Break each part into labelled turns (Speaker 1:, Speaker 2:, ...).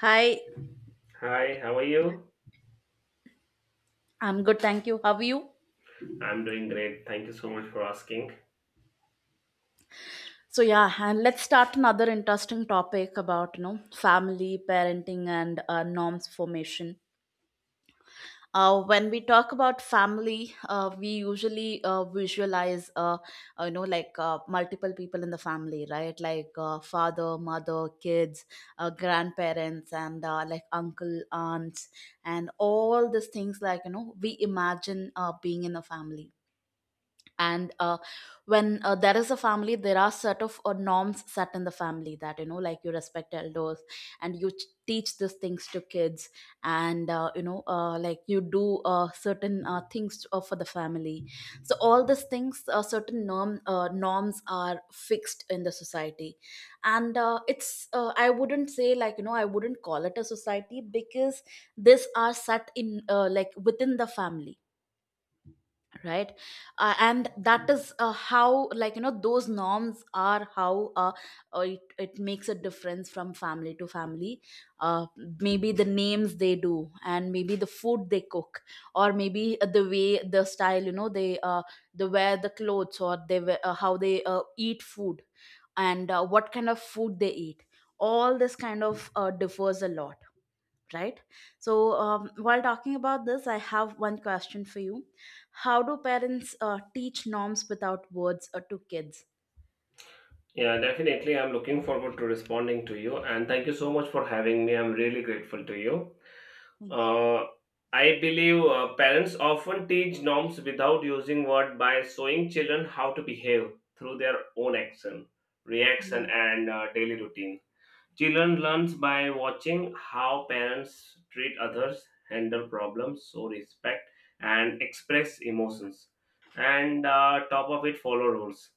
Speaker 1: Hi,
Speaker 2: Hi, how are you?
Speaker 1: I'm good, thank you. How are you?
Speaker 2: I'm doing great. Thank you so much for asking.
Speaker 1: So yeah, and let's start another interesting topic about family, parenting, and norms formation. When we talk about family, we usually visualize, like, multiple people in the family, right? Like father, mother, kids, grandparents, and like uncle, aunts, and all these things. Like, we imagine being in a family, and when there is a family, there are sort of norms set in the family, that like you respect elders, and you teach these things to kids, and like you do certain things for the family. So all these things, certain norms are fixed in the society. And it's I wouldn't say, like, I wouldn't call it a society, because these are set in, like, within the family, right. And that is how, like, those norms are, how it makes a difference from family to family. uh, Maybe the names they do, and maybe the food they cook, or maybe the way, the style, they wear the clothes, or they wear, how they eat food, and what kind of food they eat. All this kind of differs a lot, right. So while talking about this, I have one question for you. How do parents teach norms without words, to kids?
Speaker 2: Yeah, definitely. I'm looking forward to responding to you, and thank you so much for having me. I'm really grateful to you.
Speaker 1: Thank
Speaker 2: Uh, I believe parents often teach norms without using word by showing children how to behave through their own action, reaction,
Speaker 1: you.
Speaker 2: and daily routines. Children learn by watching how parents treat others, handle problems, show respect, and express emotions. And top of it, follow rules.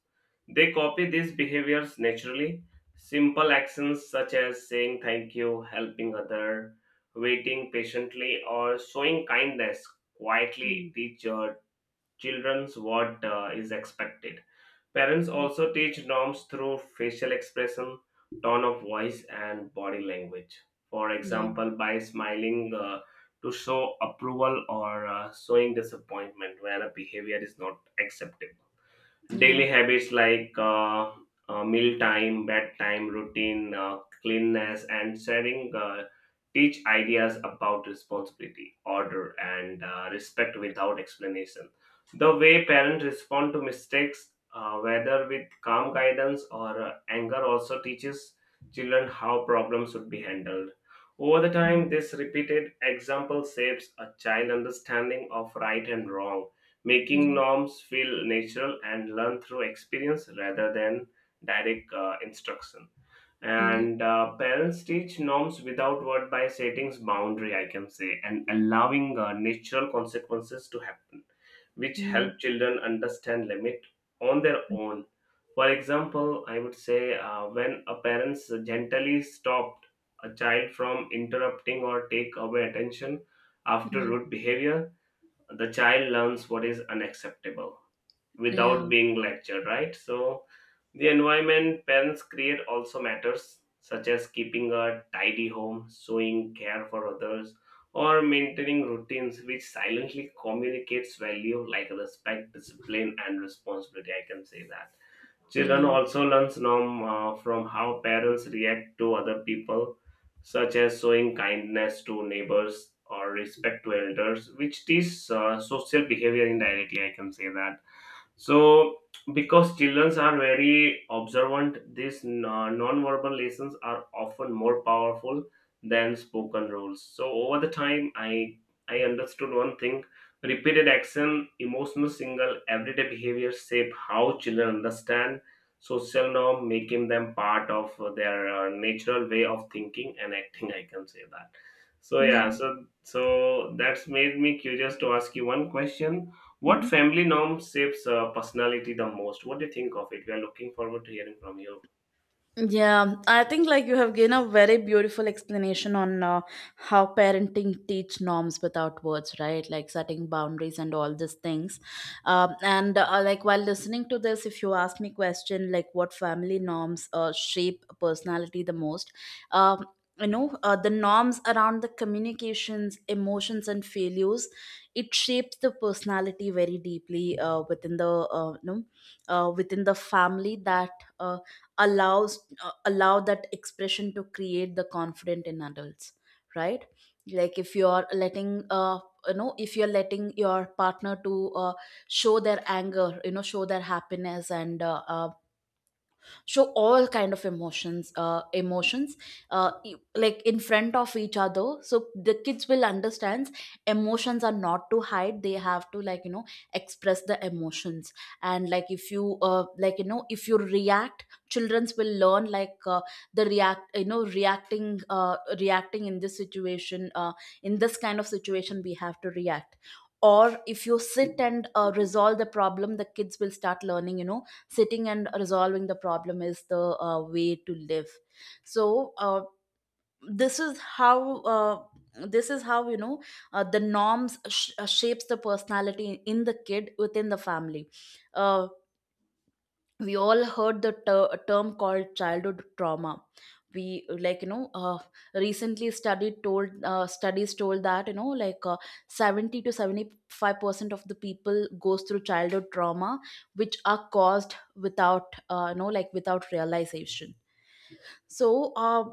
Speaker 2: They copy these behaviors naturally. Simple actions such as saying thank you, helping other, waiting patiently, or showing kindness
Speaker 1: Yeah.
Speaker 2: quietly
Speaker 1: Mm.
Speaker 2: teach children's what is expected. Parents
Speaker 1: Mm.
Speaker 2: also teach norms through facial expression, tone of voice, and body language. For
Speaker 1: Mm.
Speaker 2: example, by smiling to show approval or showing disappointment when a behavior is not acceptable.
Speaker 1: Yeah, yeah.
Speaker 2: Daily habits like meal time, bedtime routine, cleanness, and sharing teach ideas about responsibility, order, and respect without explanation. The way parents respond to mistakes, whether with calm guidance or anger, also teaches children how problems should be handled. Over the
Speaker 1: Mm.
Speaker 2: time, this repeated example shapes a child understanding of right and wrong,
Speaker 1: Yeah.
Speaker 2: making norms feel natural and learn through experience rather than direct instruction. And parents teach norms without word by setting boundary, I can say, and allowing natural consequences to happen, which
Speaker 1: Mm.
Speaker 2: help children understand limit on their own. For example, I would say when a parent gently stopped a child from interrupting or take away attention
Speaker 1: Yeah.
Speaker 2: after
Speaker 1: Mm.
Speaker 2: rude behavior, the child learns what is unacceptable
Speaker 1: Yeah,
Speaker 2: without being lectured, right? So the environment parents create also matters, such as keeping a tidy home, showing care for others, or maintaining routines, which silently communicates value like respect, discipline, and responsibility. I can say that children
Speaker 1: yeah,
Speaker 2: also learns norm from how parents react to other people, such as showing kindness to neighbors or respect to elders, which teach social behavior indirectly. I can say that. So, because children are very observant, these non-verbal lessons are often more powerful than spoken rules. So, over the time, I understood one thing: repeated action, emotional signal, everyday behavior shape how children understand social norm, making them part of their natural way of thinking and acting. I can say that. So yeah,
Speaker 1: yeah.
Speaker 2: so that's made me curious to ask you one question. What
Speaker 1: Mhm.
Speaker 2: family norm shapes personality the most? What do you think of it? We are looking forward to hearing from you.
Speaker 1: Yeah, I think, like, you have given a very beautiful explanation on how parenting teach norms without words, right? Like, setting boundaries and all these things. And like, while listening to this, if you ask me question like what family norms shape personality the most, um, the norms around the communications, emotions, and failures, it shapes the personality very deeply within the, within the family that. Uh, allow that expression to create the confident in adults, right, like, if you're letting, if you're letting your partner to show their anger, show their happiness, and show all kind of emotions, like, in front of each other, so the kids will understand emotions are not to hide, they have to, like, express the emotions. And, like, if you like, if you react, childrens will learn, like, the react you know reacting in this situation, in this kind of situation, we have to react. Or if you sit and resolve the problem, the kids will start learning, sitting and resolving the problem is the way to live. So, this is how uh, this is how, the norms shapes the personality in the kid within the family. Uh, we all heard the term called childhood trauma. We, like, recently studied told studies told that, like, 70 to 75% of the people goes through childhood trauma, which are caused without, like, without realization. So,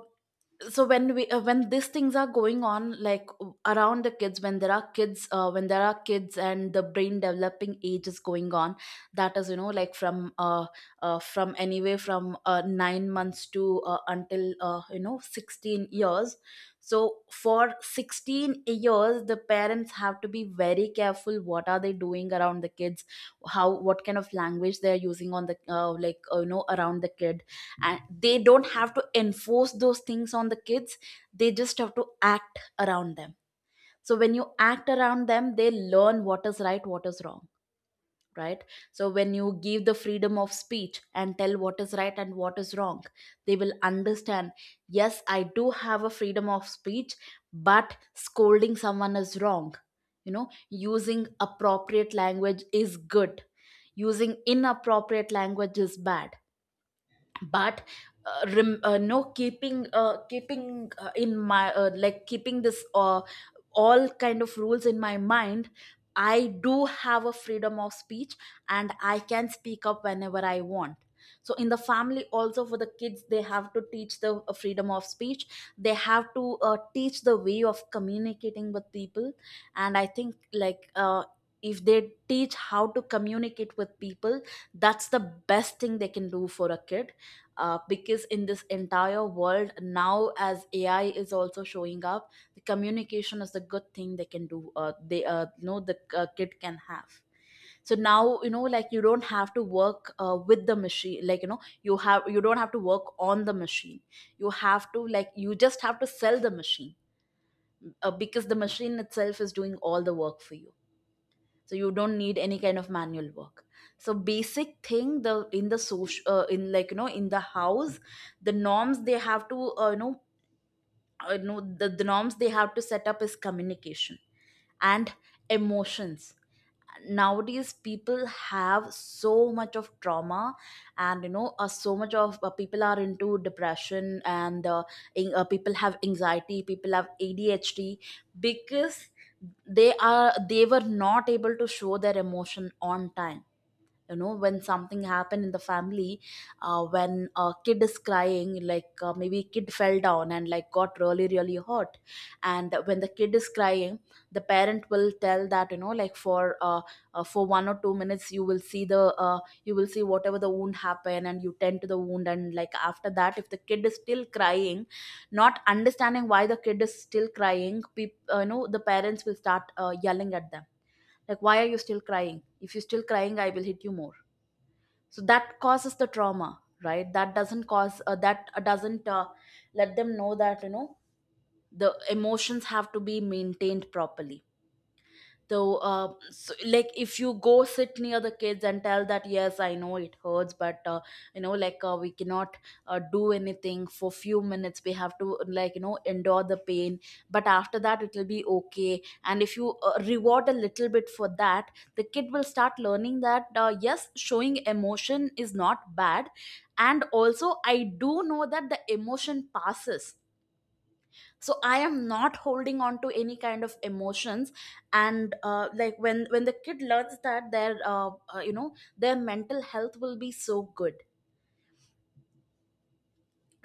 Speaker 1: so when we, when these things are going on, like around the kids, when there are kids and the brain developing age is going on, that is, like, from, from anywhere, from 9 months to, until, 16 years. So for 16 years the parents have to be very careful what are they doing around the kids, how, what kind of language they are using on the, like, around the kid. And they don't have to enforce those things on the kids, they just have to act around them. So when you act around them, they learn what is right, what is wrong, right. So when you give the freedom of speech, and tell what is right and what is wrong, they will understand yes, I do have a freedom of speech, but scolding someone is wrong, using appropriate language is good, using inappropriate language is bad. But, no, keeping keeping in my like, keeping this all kind of rules in my mind, I do have a freedom of speech, and I can speak up whenever I want. So in the family also, for the kids they have to teach the freedom of speech, they have to teach the way of communicating with people. And I think, like, if they teach how to communicate with people, that's the best thing they can do for a kid, because in this entire world now, as AI is also showing up, the communication is the good thing they can do, they the kid can have. So now, like, you don't have to work, with the machine, like, you don't have to work on the machine, you have to like, you just have to sell the machine, because the machine itself is doing all the work for you, so you don't need any kind of manual work. So basic thing, the, in the social, in like, in the house, the norms they have to uh, you know the norms they have to set up is communication, and emotions. Nowadays people have so much of trauma, and so much of, people are into depression, and people have anxiety, people have ADHD, because they were not able to show their emotion on time, when something happened in the family. When a kid is crying, like, maybe kid fell down and, like, got really really hurt, and when the kid is crying, the parent will tell that, like, for 1 or 2 minutes, you will see the, you will see whatever the wound happen, and you tend to the wound, and like, after that if the kid is still crying, not understanding why the kid is still crying, the parents will start yelling at them, like, why are you still crying? If you're still crying, I will hit you more. So that causes the trauma, right, that doesn't cause, that doesn't let them know that, the emotions have to be maintained properly though. So, like, if you go sit near the kids and tell that, yes, I know it hurts, but, like, we cannot do anything for few minutes, we have to, like, endure the pain, but after that it will be okay. And if you reward a little bit for that, the kid will start learning that, yes, showing emotion is not bad, and also I do know that the emotion passes, so I am not holding on to any kind of emotions. And like, when the kid learns that, their, their mental health will be so good.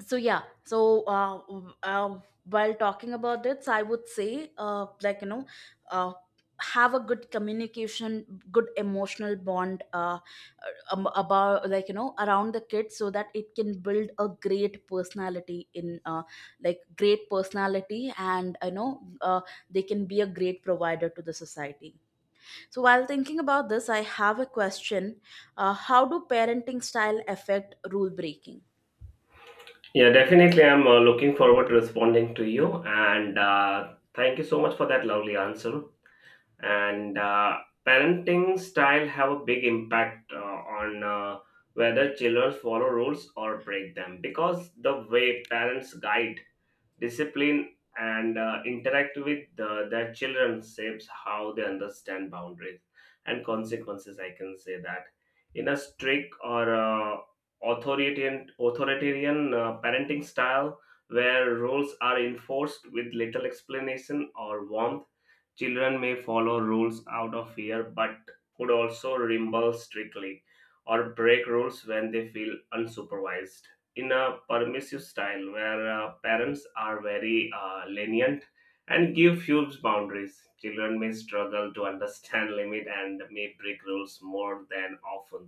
Speaker 1: So yeah, so, while talking about this, I would say, like, uh, have a good communication, good emotional bond, about, like, around the kids, so that it can build a great personality in, like, great personality, and, they can be a great provider to the society. So while thinking about this, I have a question. How do parenting style affect rule breaking?
Speaker 2: Yeah, definitely. I'm looking forward to responding to you. And thank you so much for that lovely answer. And parenting style have a big impact on whether children follow rules or break them, because the way parents guide, discipline, and interact with their children shapes how they understand boundaries and consequences, I can say that. In a strict or authoritarian parenting style, where rules are enforced with little explanation or warmth, children may follow rules out of fear, but could also rebel strictly or break rules when they feel unsupervised. In a permissive style, where parents are very lenient and give few boundaries, children may struggle to understand limit and may break rules more than often,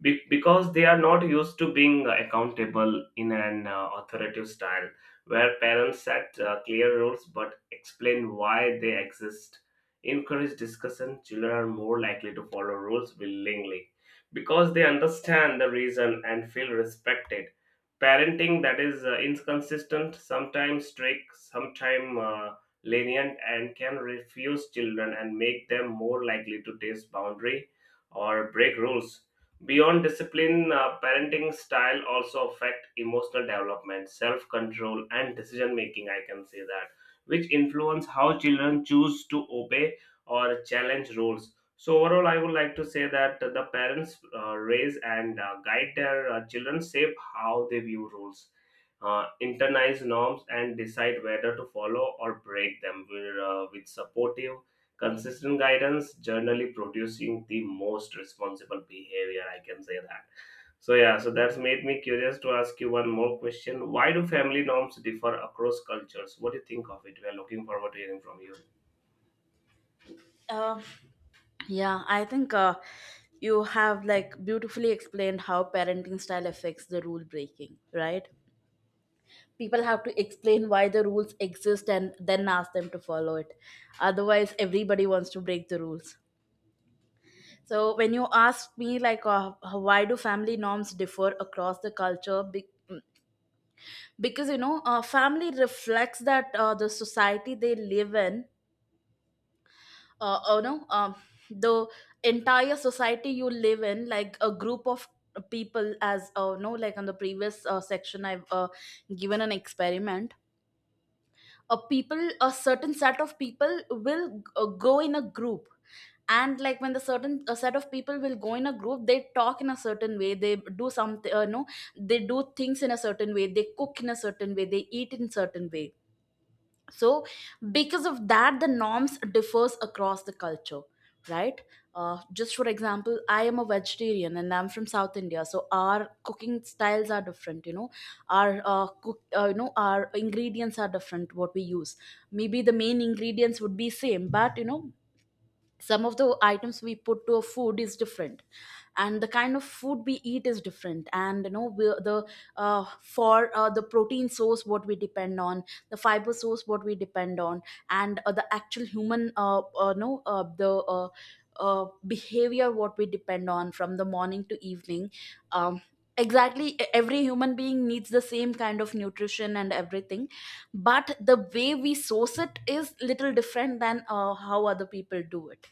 Speaker 2: because they are not used to being accountable. In an authoritative style, where parents set clear rules but explain why they exist, encourage discussion, children are more likely to follow rules willingly because they understand the reason and feel respected. Parenting that is inconsistent, sometimes strict, sometimes lenient, and can refuse children and make them more likely to test boundary or break rules. Beyond discipline, parenting style also affect emotional development, self-control, and decision making. I can say that, which influence how children choose to obey or challenge rules. So overall, I would like to say that the parents raise and guide their children shape how they view rules, internalize norms, and decide whether to follow or break them, with supportive, consistent guidance generally producing the most responsible behavior, I can say that. So yeah, so that's made me curious to ask you one more question. Why do family norms differ across cultures? What do you think of it? We are looking forward to hearing from you.
Speaker 1: Yeah, I think, you have, like, beautifully explained how parenting style affects the rule breaking, right? People have to explain why the rules exist, and then ask them to follow it. Otherwise, everybody wants to break the rules. So when you ask me like why do family norms differ across the culture, because family reflects that the society they live in. uh, you know um, the entire society you live in, like a group of people, as no like on the previous section I've given an experiment. A certain set of people will go in a group, and like when the certain a set of people will go in a group, they talk in a certain way, they do something, no they do things in a certain way, they cook in a certain way, they eat in certain way. So because of that, the norms differs across the culture, right? Just for example, I am a vegetarian and I'm from South India, so our cooking styles are different, you know. Our cook you know our ingredients are different, what we use. Maybe the main ingredients would be same, but you know, some of the items we put to a food is different, and the kind of food we eat is different. And you know, we the for the protein source what we depend on, the fiber source what we depend on, and the actual human no the uh, behavior what we depend on from the morning to evening. um, exactly, every human being needs the same kind of nutrition and everything, but the way we source it is little different than how other people do it,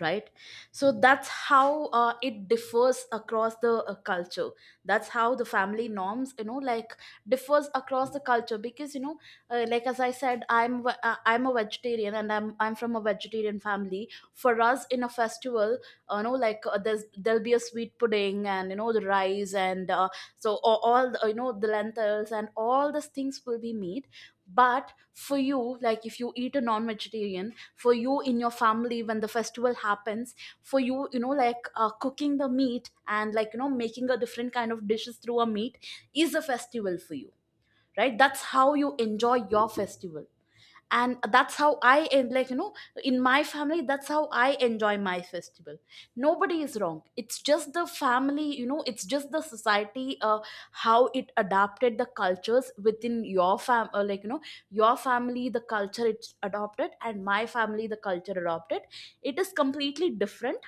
Speaker 1: right? So that's how it differs across the culture. That's how the family norms, you know, like differs across the culture, because you know, like as I said, I'm I'm a vegetarian and I'm from a vegetarian family. For us in a festival, there'll be a sweet pudding and you know the rice and so all the, you know, the lentils and all these things will be made. But for you, like if you eat a non-vegetarian, for you in your family when the festival happens, for you, you know, like cooking the meat and like you know making a different kind of dishes through a meat is a festival for you, right? That's how you enjoy your festival. And that's how I, and like you know, in my family, that's how I enjoy my festival. Nobody is wrong, it's just the family, you know, it's just the society. How it adapted the cultures within your fam like you know, your family the culture it's adopted and my family the culture adopted, it is completely different.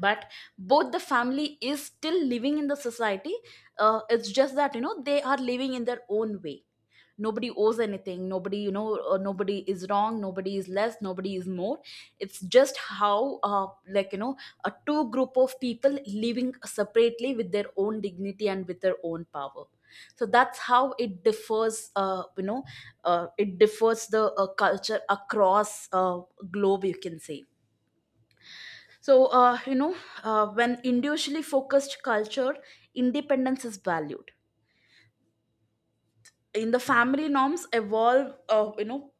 Speaker 1: But both the family is still living in the society. It's just that you know they are living in their own way. Nobody owes anything, nobody, you know, nobody is wrong, nobody is less, nobody is more. It's just how, like you know, a two group of people living separately with their own dignity and with their own power. So that's how it differs, it differs the culture across globe, you can say. So when individually focused culture, independence is valued. In the family norms evolve,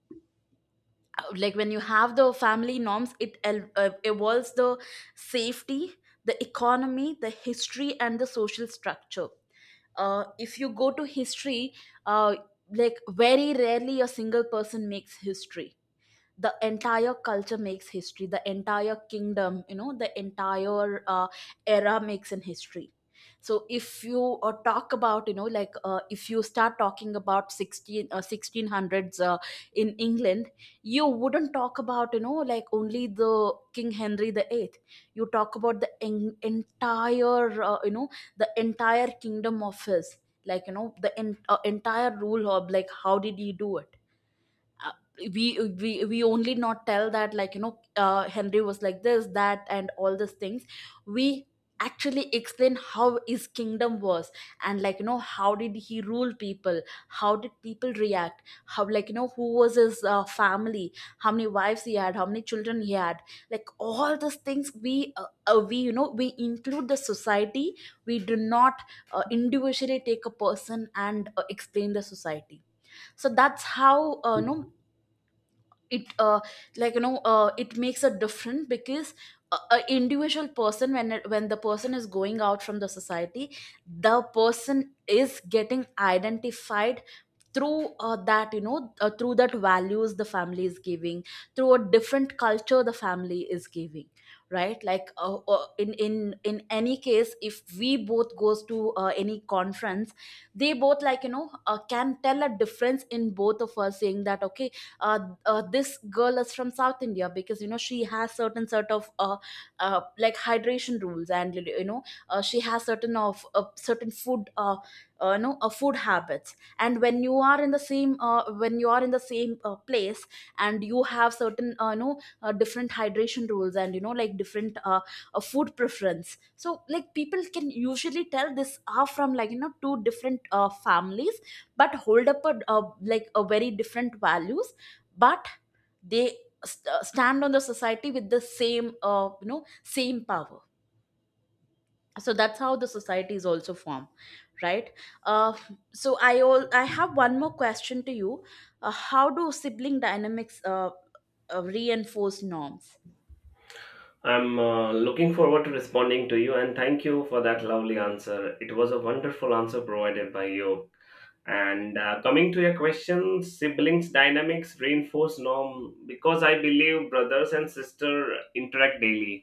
Speaker 1: like when you have the family norms, evolves the safety, the economy, the history and the social structure. If you go to history, uh, like very rarely a single person makes history. The entire culture makes history, the entire kingdom, you know, the entire era makes in history. So if you talk about, you know, like if you start talking about 16 1600s in England, you wouldn't talk about, you know, like only the king Henry the 8th. You talk about the entire, the entire kingdom of his, like you know, the entire rule of, like how did he do it. uh, we we only not tell that, like, you know, Henry was like this that and all these things. We actually explain how his kingdom was, and like you know how did he rule people, how did people react, how, like you know, who was his family, how many wives he had, how many children he had, like all these things we, we, you know, we include the society. We do not individually take a person and explain the society. So that's how, it like you know it makes a difference, because a individual person when when the person is going out from the society, the person is getting identified through that you know through that values the family is giving, through a different culture the family is giving, right? Like, in any case, if we both goes to any conference, they both, like you know, can tell a difference in both of us, saying that okay, uh, this girl is from South India because you know she has certain sort of like hydration rules, and you know she has certain food, food habits. And when you are in the same when you are in the same place, and you have certain different hydration rules, and you know like different food preference, so like people can usually tell this are from, like you know, two different families, but hold up a like a very different values. But they stand on the society with the same, same power. So that's how the society is also formed, right? uh, so I, all I have one more question to you: how do sibling dynamics reinforce norms?
Speaker 2: I'm looking forward to responding to you, and thank you for that lovely answer. It was a wonderful answer provided by you. And coming to your question, siblings dynamics reinforce norm because I believe brothers and sister interact daily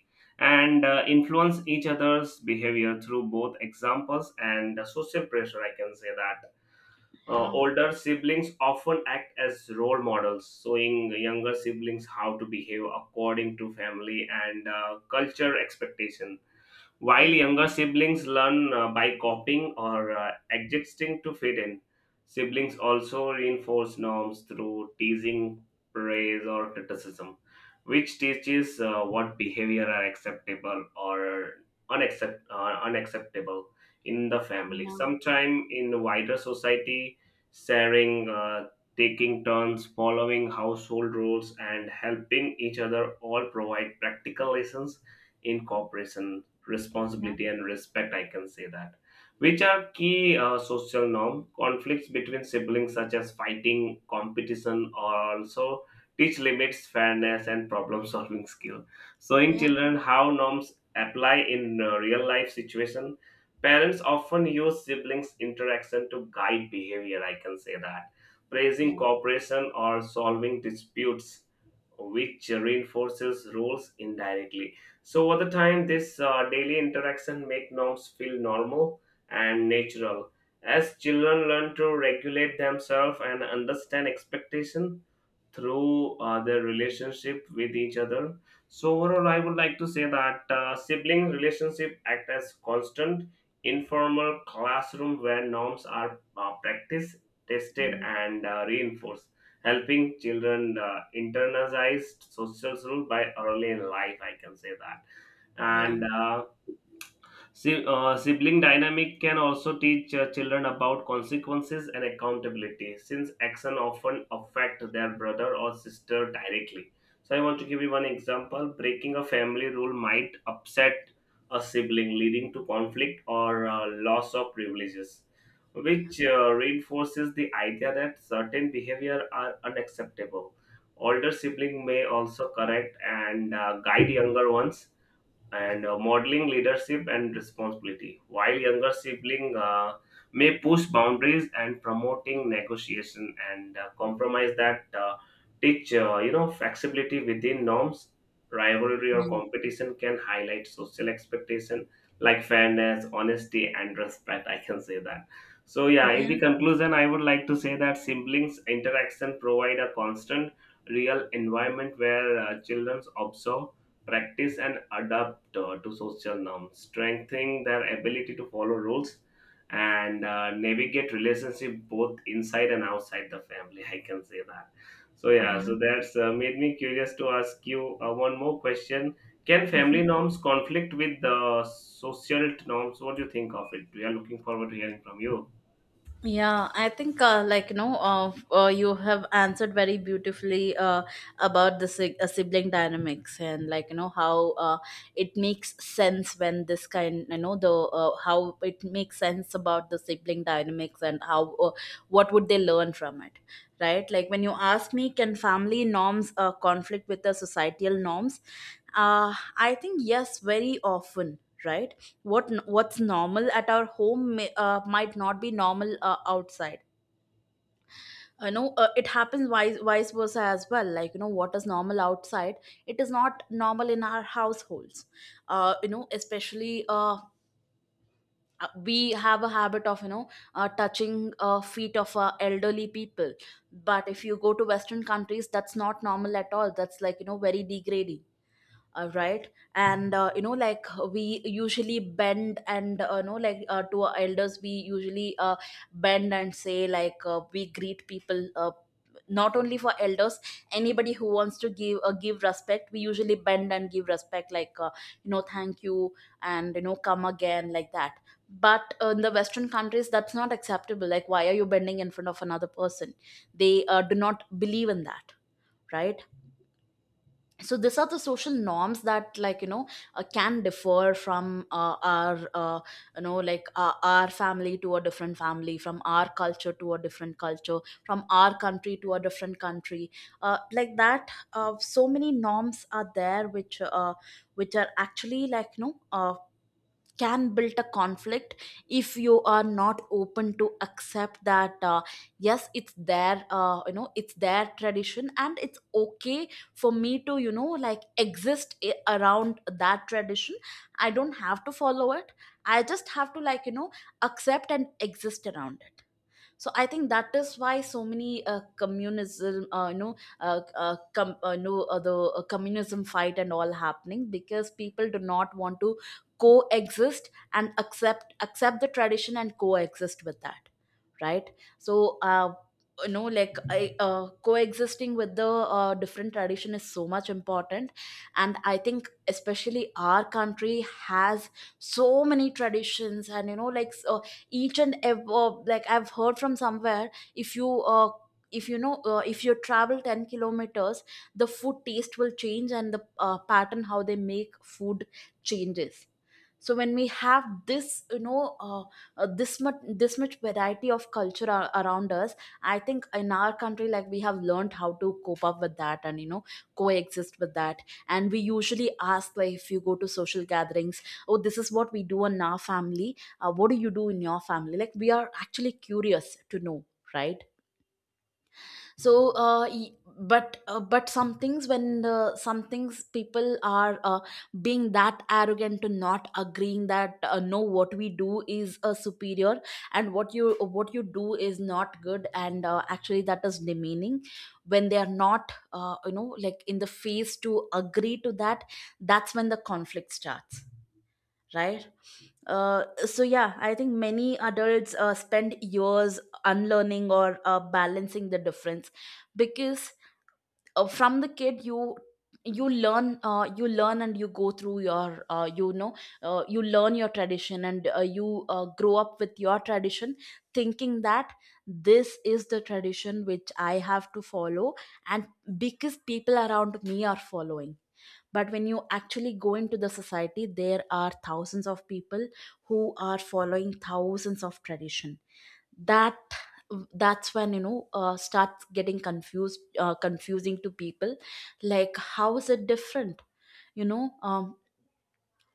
Speaker 2: and influence each other's behavior through both examples and social pressure. I can say that.
Speaker 1: Yeah,
Speaker 2: Older siblings often act as role models, showing younger siblings how to behave according to family and culture expectations, while
Speaker 1: yeah,
Speaker 2: younger siblings learn by copying or adjusting to fit in. Siblings also reinforce norms through teasing, praise, or criticism, which teaches what behavior are acceptable or unacceptable in the family.
Speaker 1: yeah,
Speaker 2: Sometime in the wider society, sharing, taking turns, following household rules, and helping each other all provide practical lessons in cooperation,
Speaker 1: yeah,
Speaker 2: responsibility, and respect. I can say that, which are key social norm. Conflicts between siblings, such as fighting, competition, or also teach limits, fairness, and problem-solving skill, showing
Speaker 1: yeah,
Speaker 2: children how norms apply in real-life situation. Parents often use siblings' interaction to guide behavior. I can say that, praising
Speaker 1: yeah,
Speaker 2: cooperation or solving disputes, which reinforces rules indirectly. So over the time, this daily interaction make norms feel normal and natural, as children learn to regulate themselves and understand expectation through their relationship with each other. So overall, I would like to say that sibling relationship act as constant, informal classroom where norms are practiced, tested,
Speaker 1: yeah,
Speaker 2: and reinforced, helping children internalize social rules by early in life. I can say that.
Speaker 1: yeah,
Speaker 2: And sibling dynamic can also teach children about consequences and accountability, since action often affect their brother or sister directly. So I want to give you one example: breaking a family rule might upset a sibling, leading to conflict or loss of privileges, which reinforces the idea that certain behavior are unacceptable. Older sibling may also correct and guide younger ones, and modeling leadership and responsibility, while younger sibling may push boundaries and promoting negotiation and compromise, that teach you know flexibility within norms. Rivalry or
Speaker 1: yeah,
Speaker 2: competition can highlight social expectation like fairness, honesty, and respect. I can say that. So yeah, in the
Speaker 1: yeah,
Speaker 2: conclusion, I would like to say that siblings interaction provide a constant, real environment where children observe, practice, and adapt to social norms, strengthening their ability to follow rules and navigate relationship both inside and outside the family. I can say that. So yeah,
Speaker 1: yeah,
Speaker 2: so that's made me curious to ask you one more question. Can
Speaker 1: yeah.
Speaker 2: family norms conflict with the social norms? What do you think of it? We are looking forward to hearing from you.
Speaker 1: Yeah, I think like you know, you have answered very beautifully about the sibling dynamics, and like you know how it makes sense when this kind, you know, the how it makes sense about the sibling dynamics, and how what would they learn from it, right? Like when you ask me, can family norms conflict with the societal norms? I think yes, very often, right? What what's normal at our home may, might not be normal outside. You know, it happens vice versa as well, like you know, what is normal outside, it is not normal in our households. You know especially We have a habit of, you know, touching feet of elderly people. But if you go to Western countries, that's not normal at all, that's like you know very degrading, right. And you know like we usually bend and, you know like, to our elders we usually bend and say, like, we greet people, not only for elders, anybody who wants to give, give respect, we usually bend and give respect, like you know, thank you and you know come again, like that. But in the Western countries that's not acceptable, like, why are you bending in front of another person? They do not believe in that, right? So these are the social norms that, like you know, can differ from our, you know, like, our family to a different family, from our culture to a different culture, from our country to a different country, like that. So many norms are there which, which are actually, like you know, can build a conflict if you are not open to accept that, yes it's their, you know, it's their tradition, and it's okay for me to, you know, like, exist around that tradition. I don't have to follow it. I just have to, like you know, accept and exist around it. So I think that is why so many communism you know com- no the communism fight and all happening, because people do not want to coexist and accept the tradition and coexist with that, right? So you know, like I, coexisting with the different tradition is so much important. And I think especially our country has so many traditions, and you know like so each and every, like I've heard from somewhere, if you know, if you travel 10 kilometers, the food taste will change, and the pattern how they make food changes. So when we have this, you know, uh, this much this much variety of culture ar- around us, I think in our country, like, we have learned how to cope up with that and you know coexist with that. And we usually ask, like if you go to social gatherings, oh this is what we do in our family, what do you do in your family, like we are actually curious to know, right? So but some things when some things people are being that arrogant to not agreeing that, no what we do is superior and what you do is not good, and actually that is demeaning, when they are not, you know, like, in the face to agree to that, that's when the conflict starts, right? So yeah, I think many adults spend years unlearning or balancing the difference, because From the kid you learn, you learn and you go through your you learn your tradition, and you grow up with your tradition thinking that this is the tradition which I have to follow, and because people around me are following. But when you actually go into the society, there are thousands of people who are following thousands of tradition. that that's when, starts getting confused, confusing to people, like how is it different. you know um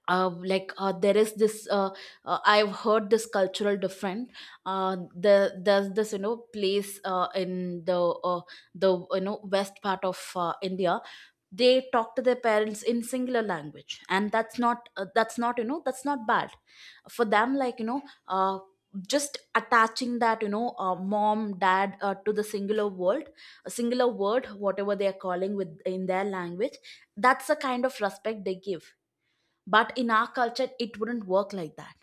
Speaker 1: there is this I've heard this cultural different. uh, the there's this, you know, place in the uh, you know, west part of India. They talk to their parents in singular language, and that's not that's not, you know, that's not bad for them, like, you know, uh, just attaching that, you know, mom, dad, to the singular word, a singular word, whatever they are calling with in their language. That's the kind of respect they give. But in our culture, it wouldn't work like that,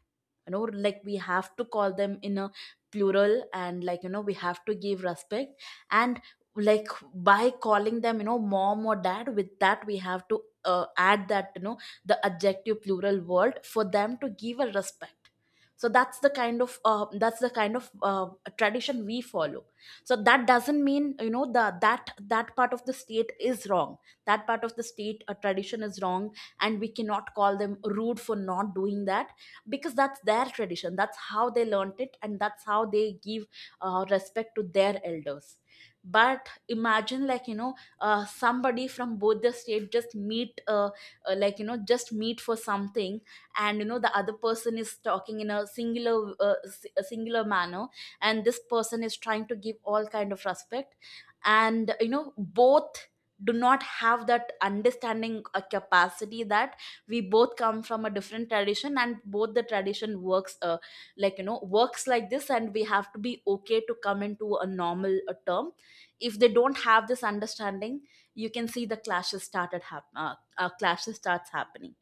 Speaker 1: you know. Like, we have to call them in a plural, and, like, you know, we have to give respect. And, like, by calling them, you know, mom or dad, with that we have to add that, you know, the adjective plural word for them, to give a respect. So that's the kind of tradition we follow. So that doesn't mean, you know, the that that part of the state is wrong, that part of the state tradition is wrong, and we cannot call them rude for not doing that, because that's their tradition, that's how they learnt it, and that's how they give respect to their elders. But imagine, like, you know, somebody from both the state just meet like, you know, just meet for something, and, you know, the other person is talking in a singular a singular manner, and this person is trying to give all kind of respect, and, you know, both do not have that understanding capacity that we both come from a different tradition, and both the tradition works, like, you know, works like this, and we have to be okay to come into a normal term. If they don't have this understanding, you can see the clashes starts happening.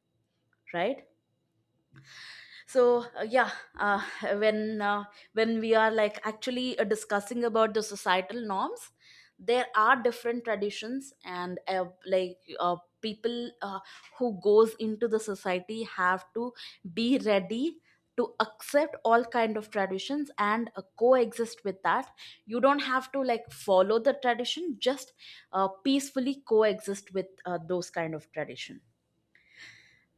Speaker 1: Right. So, yeah, uh, when uh, when we are, like, actually discussing about the societal norms, there are different traditions, and people who goes into the society have to be ready to accept all kind of traditions, and coexist with that. You don't have to, like, follow the tradition, just peacefully coexist with those kind of tradition.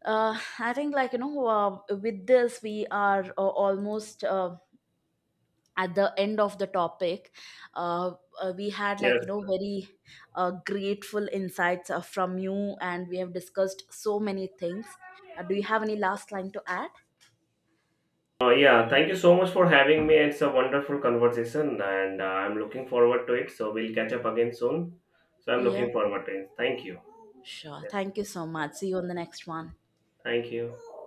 Speaker 1: I think, like, you know, with this we are almost at the end of the topic. Uh, we had, like,
Speaker 2: Yes.
Speaker 1: you know, very grateful insights from you, and we have discussed so many things. Do you have any last line to add?
Speaker 2: Yeah, thank you so much for having me. It's a wonderful conversation, and I'm looking forward to it. So, we'll catch up again soon. So, I'm
Speaker 1: Yeah,
Speaker 2: looking forward to it. Thank you.
Speaker 1: sure.
Speaker 2: Yeah,
Speaker 1: Thank you so much. See you on the next one.
Speaker 2: thank you.